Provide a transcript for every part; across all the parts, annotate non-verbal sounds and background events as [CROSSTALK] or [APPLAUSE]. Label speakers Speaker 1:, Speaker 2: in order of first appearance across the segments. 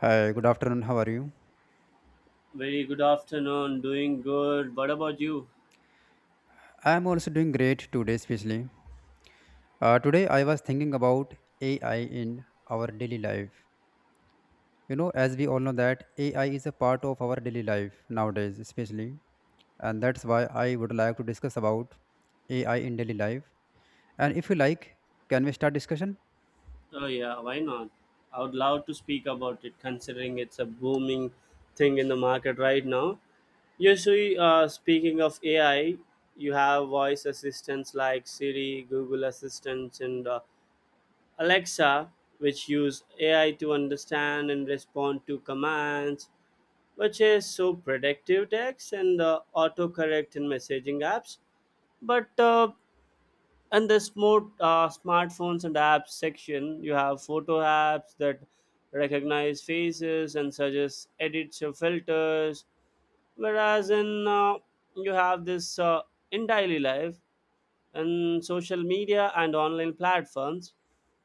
Speaker 1: Hi, good afternoon. How are you?
Speaker 2: Very good afternoon. Doing good. What about you?
Speaker 1: I'm also doing great today, especially. Today, I was thinking about AI in our daily life. You know, as we all know that AI is a part of our daily life nowadays, especially, and that's why I would like to discuss about AI in daily life. And if you like, can we start discussion?
Speaker 2: Oh, yeah, why not? I would love to speak about it considering it's a booming thing in the market right now. Usually, speaking of AI, you have voice assistants like Siri, Google Assistants, and Alexa, which use AI to understand and respond to commands, which is so predictive text and autocorrect in messaging apps. But and the smartphones and apps section, you have photo apps that recognize faces and suggest edits or filters, whereas in you have this in daily life and social media and online platforms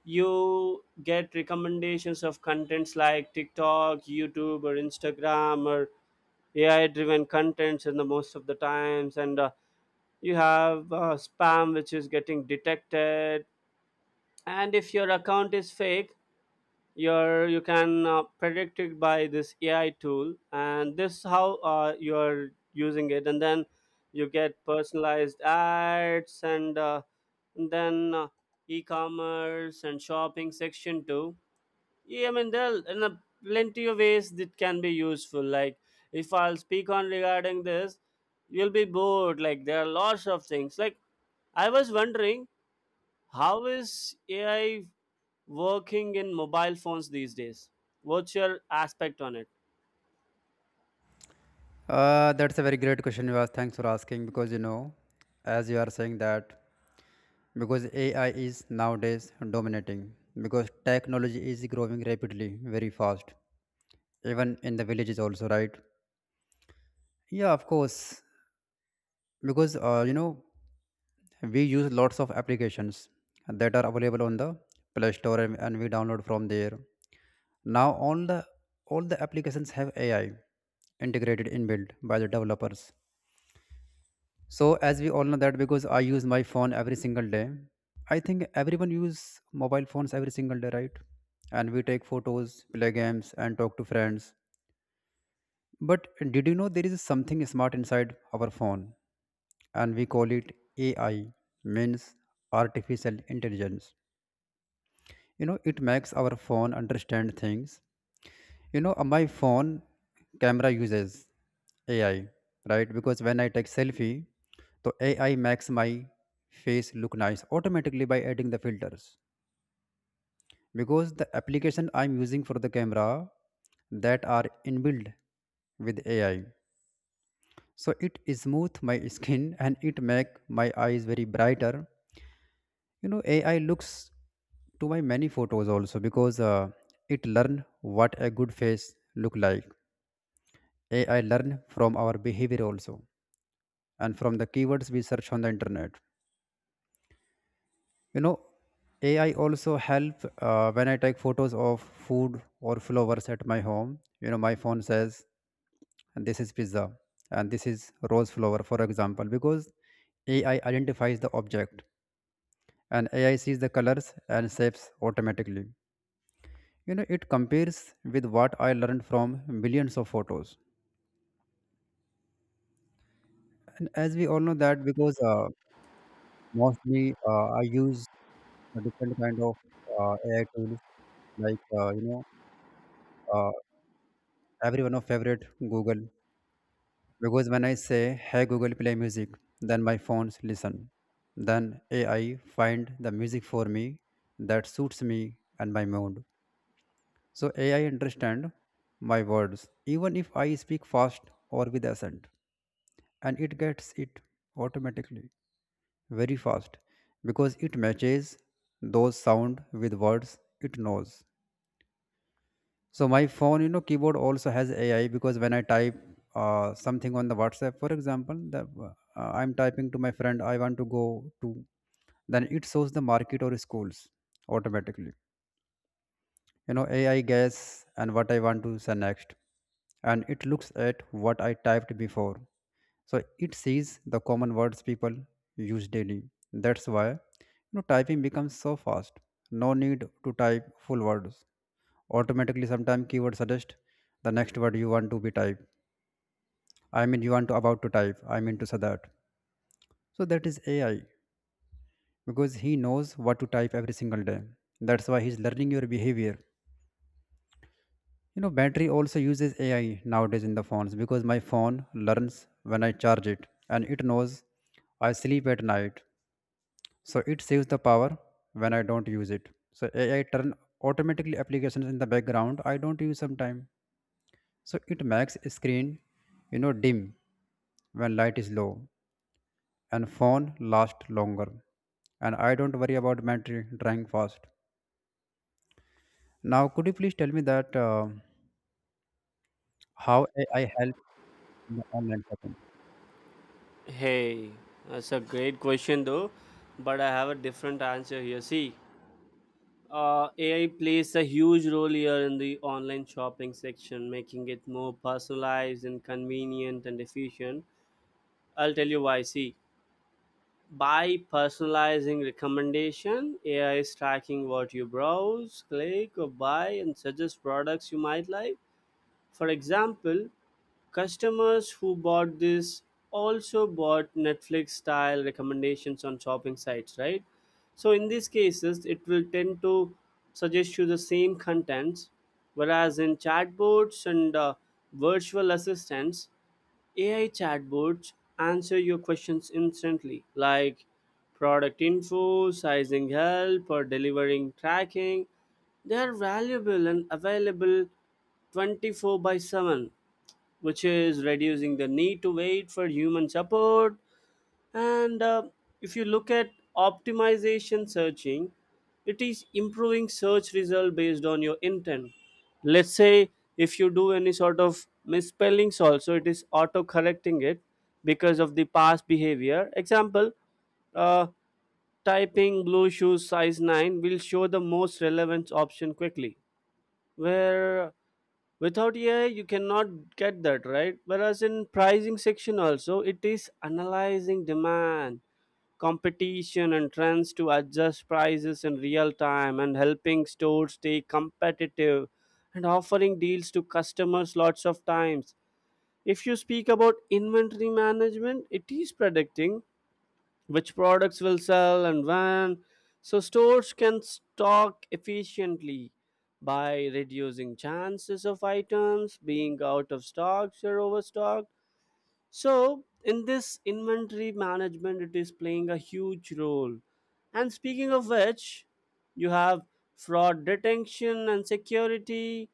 Speaker 2: you get recommendations of contents like TikTok, YouTube, or Instagram, or AI driven contents in the most of the times. And You have spam which is getting detected, and if your account is fake, you can predict it by this AI tool, and this how you're using it. And then you get personalized ads, and then e-commerce and shopping section too. Yeah, I mean, there are in a plenty of ways that can be useful, like if I'll speak on regarding this, you'll be bored. Like there are lots of things. Like I was wondering, how is AI working in mobile phones these days? What's your aspect on it?
Speaker 1: That's a very great question, Vivas. Thanks for asking because you know, as you are saying that because AI is nowadays dominating because technology is growing rapidly, very fast, even in the villages also, right? Yeah, of course, because you know, we use lots of applications that are available on the play store, and we download from there. Now all the applications have AI integrated, inbuilt by the developers. So as we all know that because I use my phone every single day, I think everyone use mobile phones every single day, right? And we take photos, play games, and talk to friends. But did you know there is something smart inside our phone, and we call it AI, means artificial intelligence. You know, it makes our phone understand things. You know, my phone camera uses AI, right? Because when I take selfie, so AI makes my face look nice automatically by adding the filters. Because the application I'm using for the camera that are inbuilt with AI. So it smooth my [LAUGHS] skin and it make my eyes very brighter. You know, AI looks to my many photos also because it learn what a good face look like. AI learn from our behavior also, and from the keywords we search on the internet. You know, AI also help when I take photos of food or flowers at my home. You know, my phone says this is pizza and this is rose flower, for example, because AI identifies the object, and AI sees the colors and shapes automatically. You know, it compares with what I learned from millions of photos. And as we all know that because mostly I use a different kind of AI tools, like you know, uh, everyone of favorite Google. Because when I say hey Google play music, then my phones listen, then AI find the music for me that suits me and my mood. So AI understand my words even if I speak fast or with accent, and it gets it automatically very fast because it matches those sound with words it knows. So my phone, you know, keyboard also has AI, because when I type something on the WhatsApp, for example, that I'm typing to my friend I want to go to, then it shows the market or schools automatically. You know, AI guess and what I want to say next, and it looks at what I typed before. So it sees the common words people use daily. That's why, you know, typing becomes so fast, no need to type full words. Automatically, sometimes keyword suggest the next word you want to be typed, I mean you want to about to type, I mean to say that. So that is AI, because he knows what to type every single day. That's why he's learning your behavior. You know, battery also uses AI nowadays in the phones, because my phone learns when I charge it, and it knows I sleep at night, so it saves the power when I don't use it. So AI turn automatically applications in the background I don't use sometime. So it makes screen, you know, dim when light is low, and phone last longer, and I don't worry about battery drying fast. Now, could you please tell me that how AI help in the online shopping?
Speaker 2: Hey, that's a great question though, but I have a different answer here. See, AI plays a huge role here in the online shopping section, making it more personalized and convenient and efficient. I'll tell you why. See, by personalizing recommendation, AI is tracking what you browse, click, or buy, and suggest products you might like. For example, customers who bought this also bought Netflix style recommendations on shopping sites, right? So in these cases, it will tend to suggest you the same contents, whereas in chatbots and virtual assistants, AI chatbots answer your questions instantly, like product info, sizing help, or delivering tracking. They are valuable and available 24 by 7, which is reducing the need to wait for human support. And if you look at optimization searching, it is improving search result based on your intent. Let's say if you do any sort of misspellings also, it is auto correcting it because of the past behavior. Example, uh, typing blue shoes size 9 will show the most relevant option quickly, where without AI you cannot get that, right? Whereas in pricing section also, it is analyzing demand, competition and trends to adjust prices in real time and helping stores stay competitive and offering deals to customers lots of times. If you speak about inventory management, it is predicting which products will sell and when. So stores can stock efficiently by reducing chances of items being out of stocks or overstocked. So in this inventory management, it is playing a huge role. And speaking of which, you have fraud detection and security.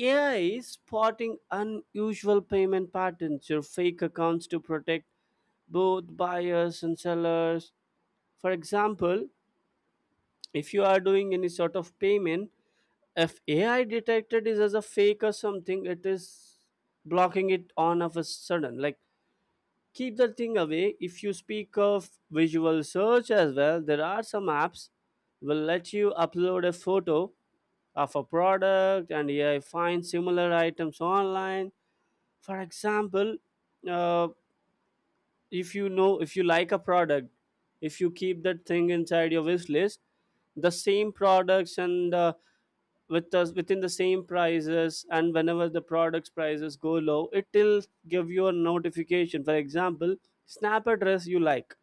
Speaker 2: AI is spotting unusual payment patterns or fake accounts to protect both buyers and sellers. For example, if you are doing any sort of payment, if AI detected is as a fake or something, it is blocking it on of a sudden. Like keep the thing away. If you speak of visual search as well, there are some apps will let you upload a photo of a product and AI finds similar items online. For example, uh, if you know, if you like a product, if you keep that thing inside your wish list, the same products and with us within the same prices, and whenever the products prices go low, it will give you a notification. For example, snap a dress you like,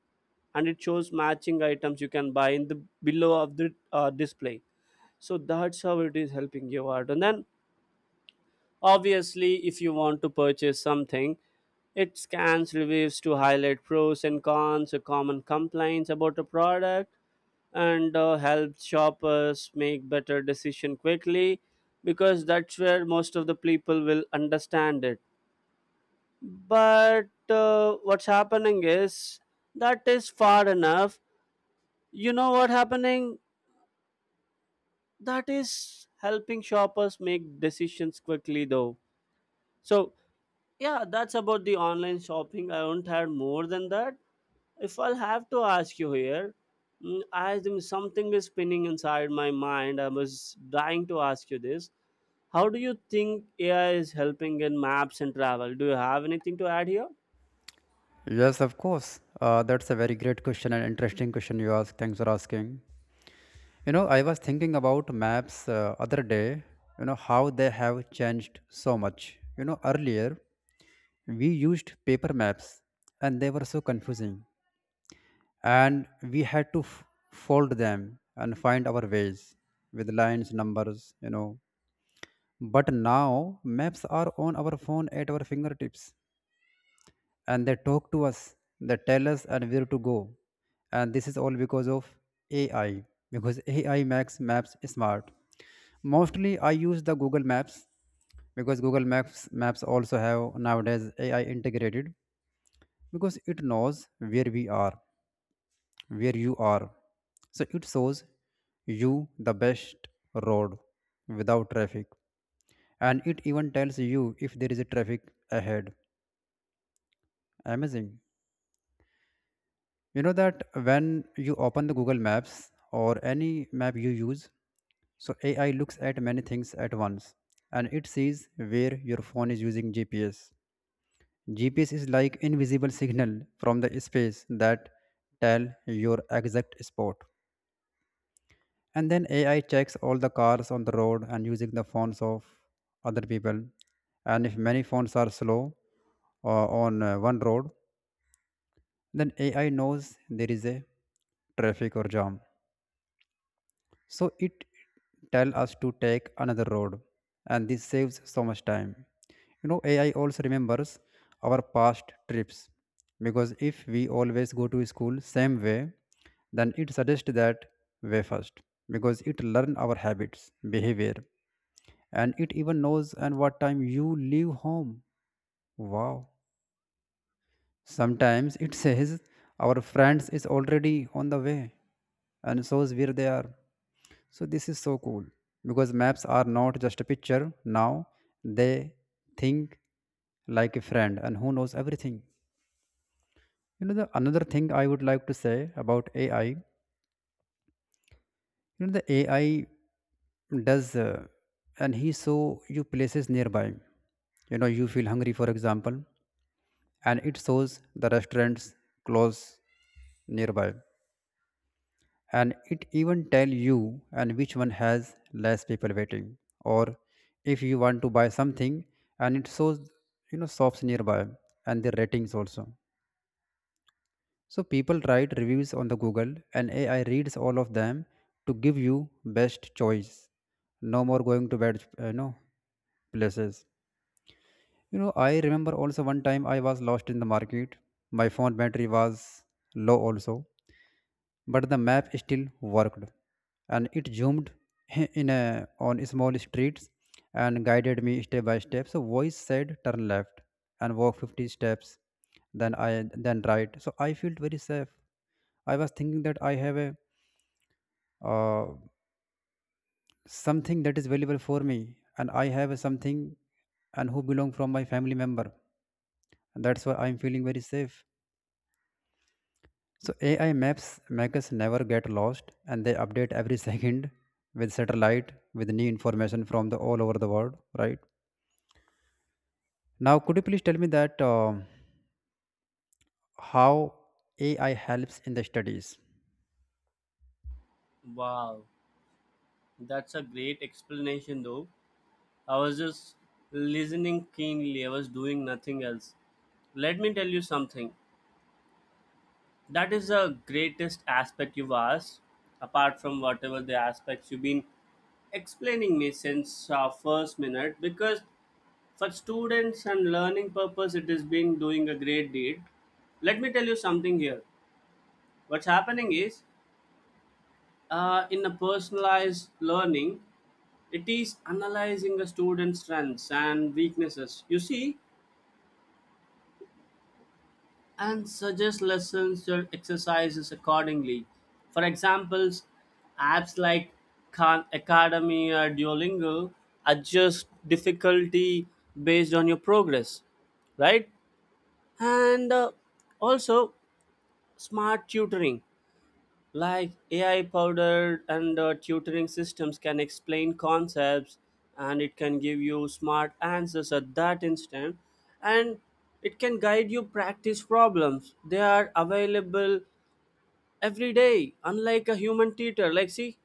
Speaker 2: and it shows matching items you can buy in the below of the display. So that's how it is helping you out. And then obviously, if you want to purchase something, it scans reviews to highlight pros and cons, or common complaints about a product, and helps shoppers make better decision quickly, because that's where most of the people will understand it. But what's happening is that is far enough. You know what happening? That is helping shoppers make decisions quickly though. So yeah, that's about the online shopping. I won't have more than that. If I'll have to ask you here, mm, I think something is spinning inside my mind. I was dying to ask you this. How do you think AI is helping in maps and travel? Do you have anything to add here?
Speaker 1: Yes, of course. That's a very great question and interesting question you ask, thanks for asking. You know, I was thinking about maps other day, you know, how they have changed so much. You know, earlier we used paper maps and they were so confusing, and we had to fold them and find our ways with lines, numbers, you know. But now maps are on our phone at our fingertips, and they talk to us, they tell us and where to go. And this is all because of AI, because AI makes maps smart. Mostly I use the Google Maps, because Google Maps also have nowadays AI integrated, because it knows where we are, where you are. So it shows you the best road without traffic, and it even tells you if there is a traffic ahead. Amazing. You know that when you open the Google Maps or any map you use, so AI looks at many things at once, and it sees where your phone is using GPS. GPS is like invisible signal from the space that tell your exact spot. And then AI checks all the cars on the road and using the phones of other people. And if many phones are slow on one road, then AI knows there is a traffic or jam. So it tell us to take another road, and this saves so much time. You know, AI also remembers our past trips, because if we always go to school same way, then it suggests that way first, because it learn our habits, behavior. And it even knows and what time you leave home. Wow. Sometimes it says our friends is already on the way and shows where they are. So this is so cool, because maps are not just a picture now, they think like a friend and who knows everything. You know the another thing I would like to say about AI, you know the AI does and he show you places nearby. You know, you feel hungry, for example, and it shows the restaurants close nearby, and it even tell you and which one has less people waiting, or if you want to buy something, and it shows, you know, shops nearby and their ratings also. So people write reviews on the Google, and AI reads all of them to give you best choice. No more going to bad you know, places. You know, I remember also one time I was lost in the market, my phone battery was low also, but the map still worked, and it zoomed [LAUGHS] on small streets and guided me step by step. So voice said turn left and walk 50 steps, then I, then right. So I felt very safe. I was thinking that I have a uh, something that is valuable for me, and I have a something and who belong from my family member, and that's why I'm feeling very safe. So AI maps make us never get lost, and they update every [LAUGHS] second with satellite with new information from the all over the world, right? Now, could you please tell me that how AI helps in the studies?
Speaker 2: Wow, that's a great explanation though. I was just listening keenly, I was doing nothing else. Let me tell you something. That is the greatest aspect you've asked, apart from whatever the aspects you've been explaining me since our first minute, because for students and learning purpose it has been doing a great deed. Let me tell you something here. What's happening is, in a personalized learning, it is analyzing a student's strengths and weaknesses, you see, and suggest lessons or exercises accordingly. For examples, apps like Khan Academy or Duolingo adjust difficulty based on your progress, right? And also smart tutoring. Like AI powdered and tutoring systems can explain concepts, and it can give you smart answers at that instant, and it can guide you practice problems. They are available every day, unlike a human tutor. Like, see,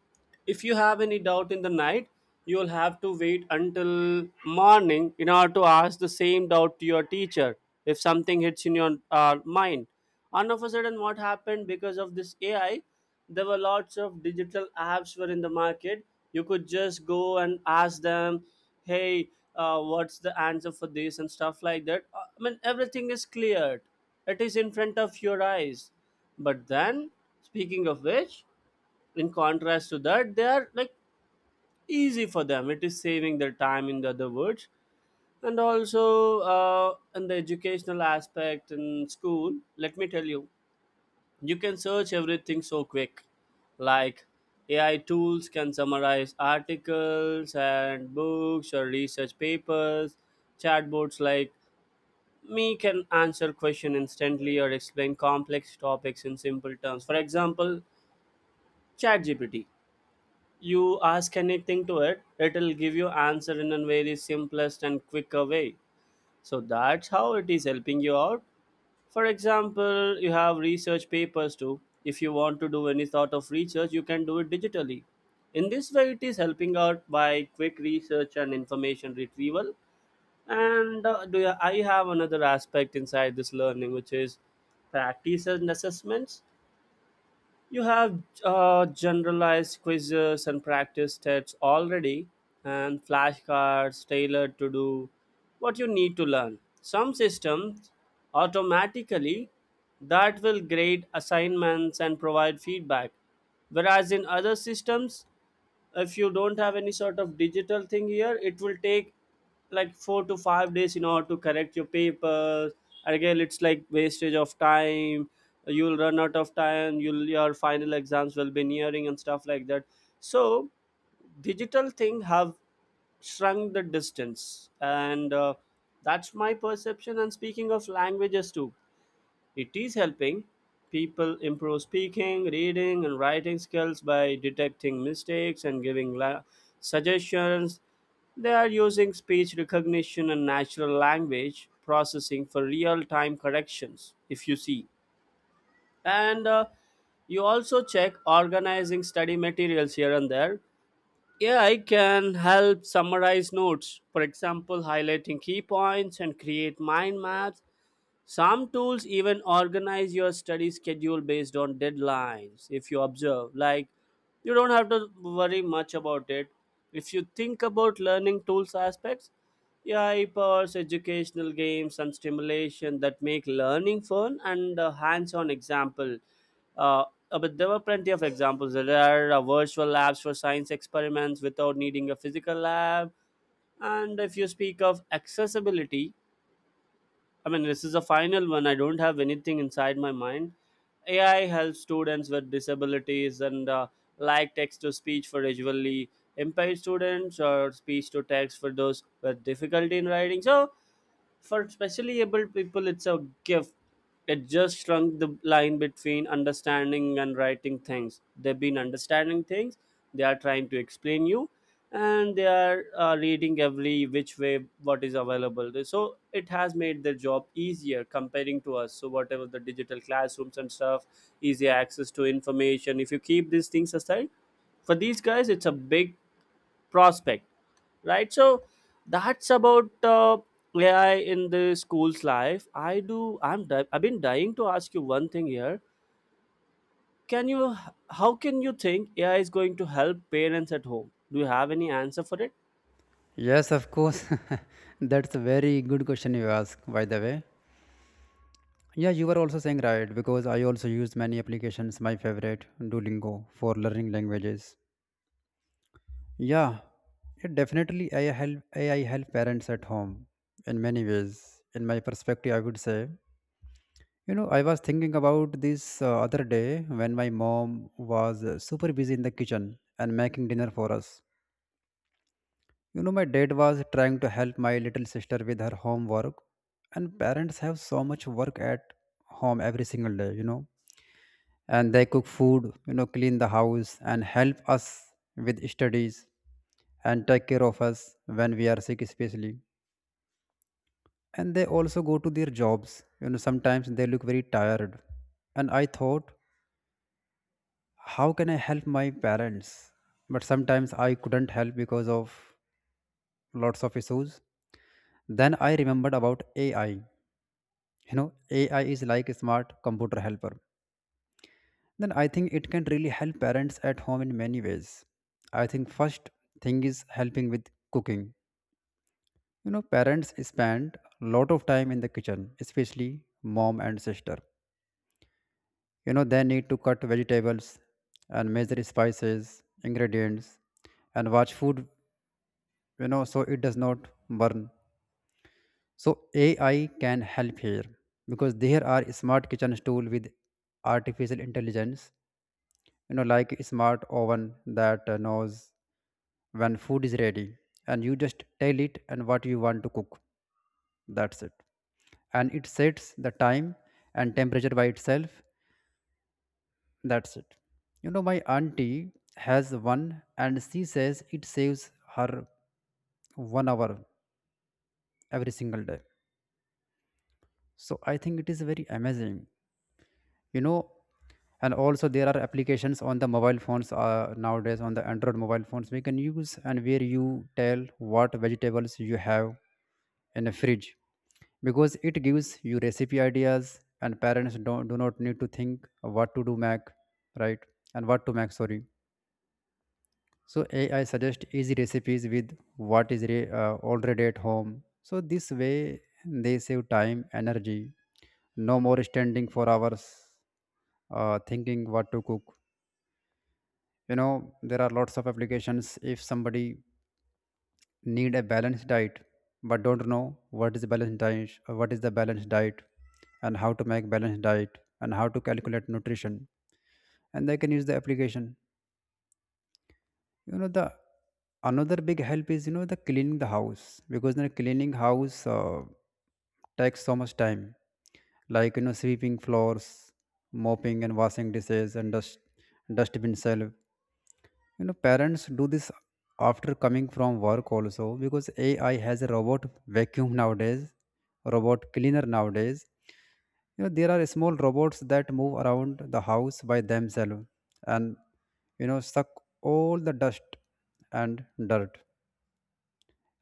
Speaker 2: if you have any doubt in the night, you'll have to wait until morning in order to ask the same doubt to your teacher. If something hits in your mind and of a sudden, what happened because of this AI, there were lots of digital apps were in the market. You could just go and ask them, hey, what's the answer for this and stuff like that. I mean, everything is cleared, it is in front of your eyes. But then, speaking of which, in contrast to that, they are like easy for them. It is saving their time, in the other words. And also in the educational aspect in school, let me tell you, you can search everything so quick. Like AI tools can summarize articles and books or research papers. Chatbots like me can answer question instantly or explain complex topics in simple terms. For example, ChatGPT. You ask anything to it, it'll give you answer in a very simplest and quicker way. So that's how it is helping you out. For example, you have research papers too. If you want to do any sort of research, you can do it digitally. In this way, it is helping out by quick research and information retrieval. I have another aspect inside this learning, which is practice and assessments. You have generalized quizzes and practice tests already, and flashcards tailored to do what you need to learn. Some systems automatically that will grade assignments and provide feedback, whereas in other systems, if you don't have any sort of digital thing here, it will take like 4 to 5 days in order to correct your papers. Again, it's like wastage of time. You'll run out of time, you'll your final exams will be nearing and stuff like that. So digital thing have shrunk the distance, and that's my perception. And speaking of languages too, it is helping people improve speaking, reading, and writing skills by detecting mistakes and giving suggestions. They are using speech recognition and natural language processing for real time corrections, if you see. And you also check organizing study materials here and there. Yeah, I can help summarize notes, for example, highlighting key points and create mind maps. Some tools even organize your study schedule based on deadlines, if you observe. Like, you don't have to worry much about it. If you think about learning tools aspects, yeah, EPUBs, educational games, and stimulation that make learning fun and a hands-on example. Uh, but there were plenty of examples. There are virtual labs for science experiments without needing a physical lab. And if you speak of accessibility, I mean, this is the final one. I don't have anything inside my mind. AI helps students with disabilities, and like text to speech for visually impaired students or speech to text for those with difficulty in writing. So for specially able people, it's a gift. It just shrunk the line between understanding and writing things. They've been understanding things, they are trying to explain you, and they are reading every which way what is available there. So it has made their job easier comparing to us, so whatever the digital classrooms and stuff, easier access to information. If you keep these things aside, for these guys it's a big prospect, right? So that's about AI in the school's life. I do I'm di- I've been dying to ask you one thing here. Can you How can you think AI is going to help parents at home? Do you have any answer for it?
Speaker 1: Yes, of course. [LAUGHS] That's a very good question you ask, by the way. Yeah, you were also saying right because I also use many applications. My favorite, Duolingo, for learning languages. Yeah, it definitely AI help parents at home in many ways. In my perspective, I would say, you know, I was thinking about this other day when my mom was super busy in the kitchen and making dinner for us. You know, my dad was trying to help my little sister with her homework, and parents have so much work at home every single day. You know, and they cook food, you know, clean the house, and help us with studies, and take care of us when we are sick, especially. And they also go to their jobs. You know, sometimes they look very tired, and I thought, how can I help my parents? But sometimes I couldn't help because of lots of issues. Then I remembered about AI. You know, AI is like a smart computer helper. Then I think it can really help parents at home in many ways. I think first thing is helping with cooking. You know, parents spend a lot of time in the kitchen, especially mom and sister. You know, they need to cut vegetables and measure spices, ingredients, and watch food, you know, so it does not burn. So AI can help here, because there are smart kitchen tool with artificial intelligence. You know, like a smart oven that knows when food is ready. And you just tell it and what you want to cook, that's it. And it sets the time and temperature by itself. That's it. You know, my auntie has one, and she says it saves her 1 hour every single day. So I think it is very amazing. You know, and also there are applications on the mobile phones nowadays on the Android mobile phones we can use, and where you tell what vegetables you have in a fridge, because it gives you recipe ideas and parents don't do not need to think what to do mac right, and what to make, sorry. So AI suggest easy recipes with what is already at home. So this way they save time, energy, no more standing for hours thinking what to cook. You know, there are lots of applications if somebody need a balanced diet but don't know what is the balanced diet, and how to make balanced diet, and how to calculate nutrition, and they can use the application. You know the another big help is, you know, the cleaning the house, because, you know, cleaning house takes so much time, like, you know, sweeping floors, mopping and washing dishes, and dust, dustbin, shelf. You know, parents do this after coming from work also, because AI has a robot vacuum nowadays, robot cleaner nowadays. You know, there are small robots that move around the house by themselves and, you know, suck all the dust and dirt,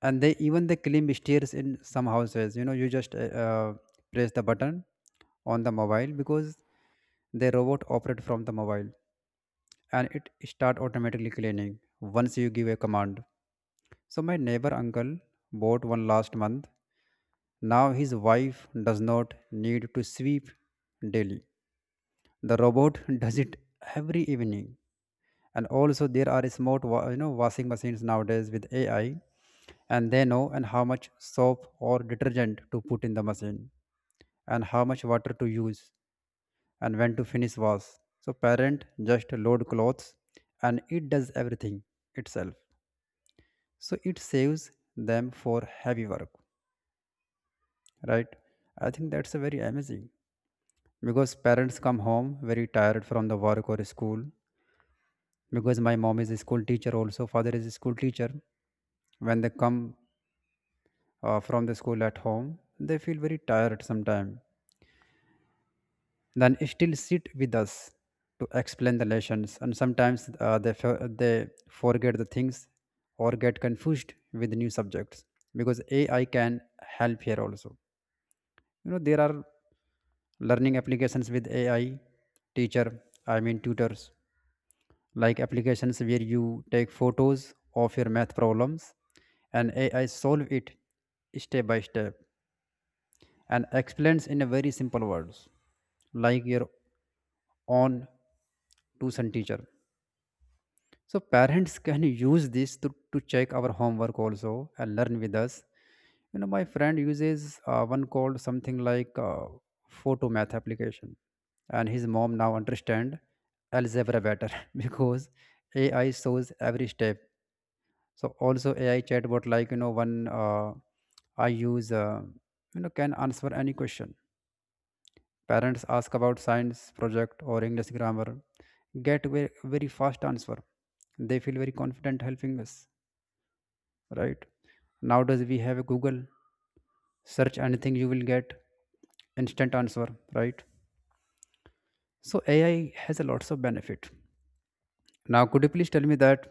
Speaker 1: and they even they clean stairs in some houses. You know, you just uh, press the button on the mobile, because the robot operate from the mobile, and it start automatically cleaning once you give a command. So my neighbor uncle bought one last month. Now his wife does not need to sweep daily. The robot [LAUGHS] does it every evening. And also there are you know, washing machines nowadays with AI, and they know and how much soap or detergent to put in the machine, and how much water to use, and when to finish wash. So parent just load clothes and it does everything itself. So it saves them for heavy work, right? I think that's a very amazing, because parents come home very tired from the work or school, because my mom is a school teacher, also father is a school teacher. When they come from the school at home, they feel very tired sometime, then still sit with us to explain the lessons, and sometimes they forget the things or get confused with new subjects. Because AI can help here also, you know, there are learning applications with AI teacher, I mean tutors, like applications where you take photos of your math problems and AI solve it step by step and explains in a very simple words, like your own tuition teacher. So parents can use this to check our homework also and learn with us. You know, my friend uses one called something like photo math application, and his mom now understand algebra better [LAUGHS] because AI shows every step. So also AI chatbot, like, you know, one I use, you know, can answer any question. Parents ask about science project or English grammar, get very fast answer. They feel very confident helping us, right? Nowadays we have a Google, search anything you will get instant answer, right? So AI has a lots of benefit. Now, could you please tell me that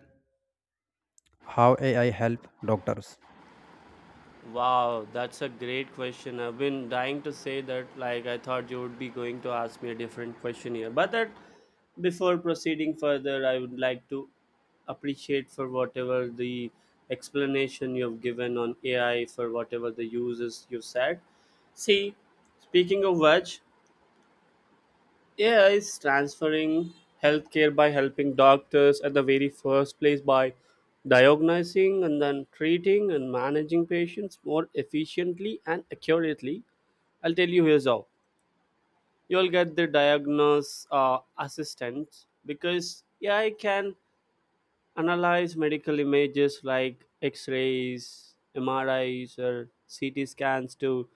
Speaker 1: how AI help doctors?
Speaker 2: Wow, that's a great question. I've been dying to say that. Like, I thought you would be going to ask me a different question here. But that, before proceeding further, I would like to appreciate for whatever the explanation you've given on AI, for whatever the uses you said. See, speaking of which, yeah, it's transferring healthcare by helping doctors at the very first place by diagnosing and then treating and managing patients more efficiently and accurately. I'll tell you here's how. You'll get the diagnose assistant because AI can analyze medical images like X rays, MRIs, or CT scans to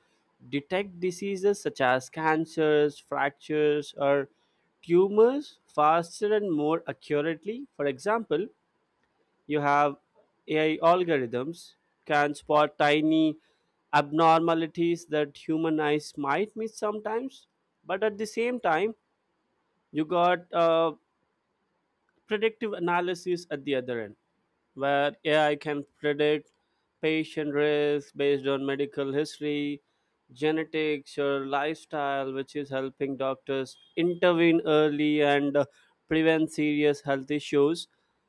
Speaker 2: detect diseases such as cancers, fractures, or tumors faster and more accurately. For example, you have AI algorithms can spot tiny abnormalities that human eyes might miss sometimes, but at the same time, you got predictive analysis at the other end, where AI can predict patient risk based on medical history, genetics, or lifestyle, which is helping doctors intervene early and prevent serious health issues.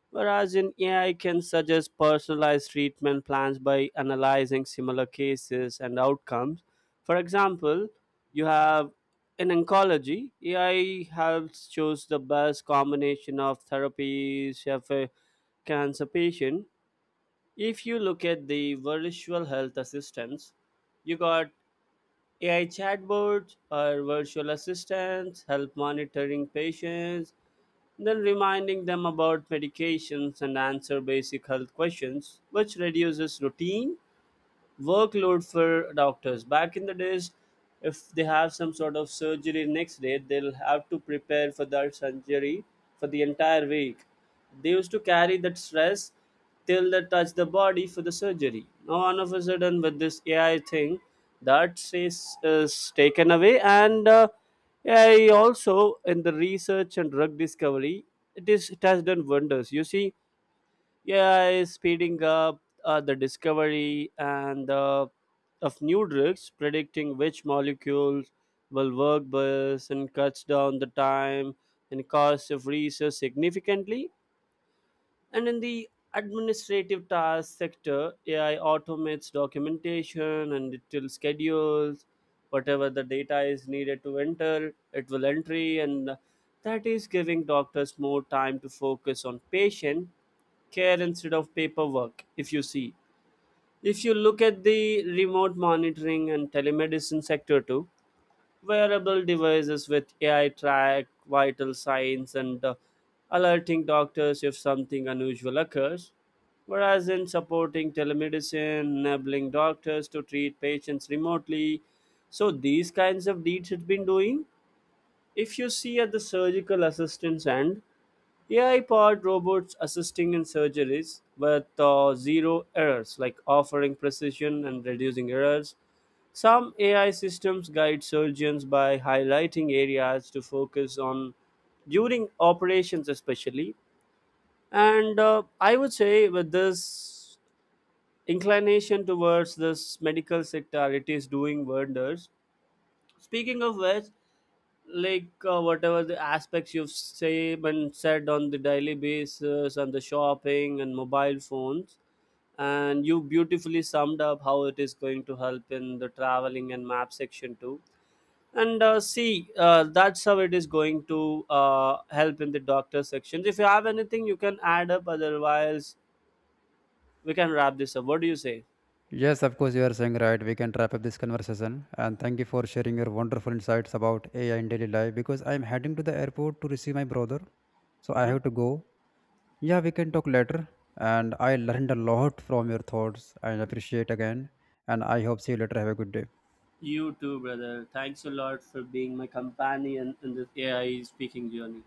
Speaker 2: Whereas in AI can suggest personalized treatment plans by analyzing similar cases and outcomes. For example, you have in oncology, AI helps choose the best combination of therapies, if a cancer patient. If you look at the virtual health assistants, you got AI chatbots or virtual assistants help monitoring patients, then reminding them about medications and answer basic health questions, which reduces routine workload for doctors. Back in the days, if they have some sort of surgery next day, they'll have to prepare for that surgery for the entire week. They used to carry that stress till they touch the body for the surgery. Now, all of a sudden, with this AI thing, that is taken away, and AI also in the research and drug discovery, it has done wonders. You see yeah is speeding up the discovery and of new drugs, predicting which molecules will work best, and cuts down the time and cost of research significantly, and in the administrative task sector, AI automates documentation and it will schedules whatever the data is needed to enter, it will entry, and that is giving doctors more time to focus on patient care instead of paperwork, if you see. If you look at the remote monitoring and telemedicine sector too, wearable devices with AI track vital signs and alerting doctors if something unusual occurs. Whereas in supporting telemedicine, enabling doctors to treat patients remotely. So these kinds of deeds it's been doing. If you see at the surgical assistance end, AI powered robots assisting in surgeries with zero errors, like offering precision and reducing errors, some AI systems guide surgeons by highlighting areas to focus on during operations, especially. And I would say, with this inclination towards this medical sector, it is doing wonders. Speaking of which, like whatever the aspects you've say and said on the daily basis and the shopping and mobile phones, and you beautifully summed up how it is going to help in the traveling and map section too, and see, that's how it is going to help in the doctor sections. If you have anything you can add up, otherwise we can wrap this up. What do you say?
Speaker 1: Yes, of course, you are saying right. We can wrap up this conversation. And thank you for sharing your wonderful insights about AI in daily life, because I'm heading to the airport to receive my brother. So I
Speaker 2: Hmm.
Speaker 1: have to go. Yeah, we can talk later. And I learned a lot from your thoughts and appreciate again. And I hope see you later. Have a good day.
Speaker 2: You too, brother. Thanks a lot for being my companion in this AI speaking journey.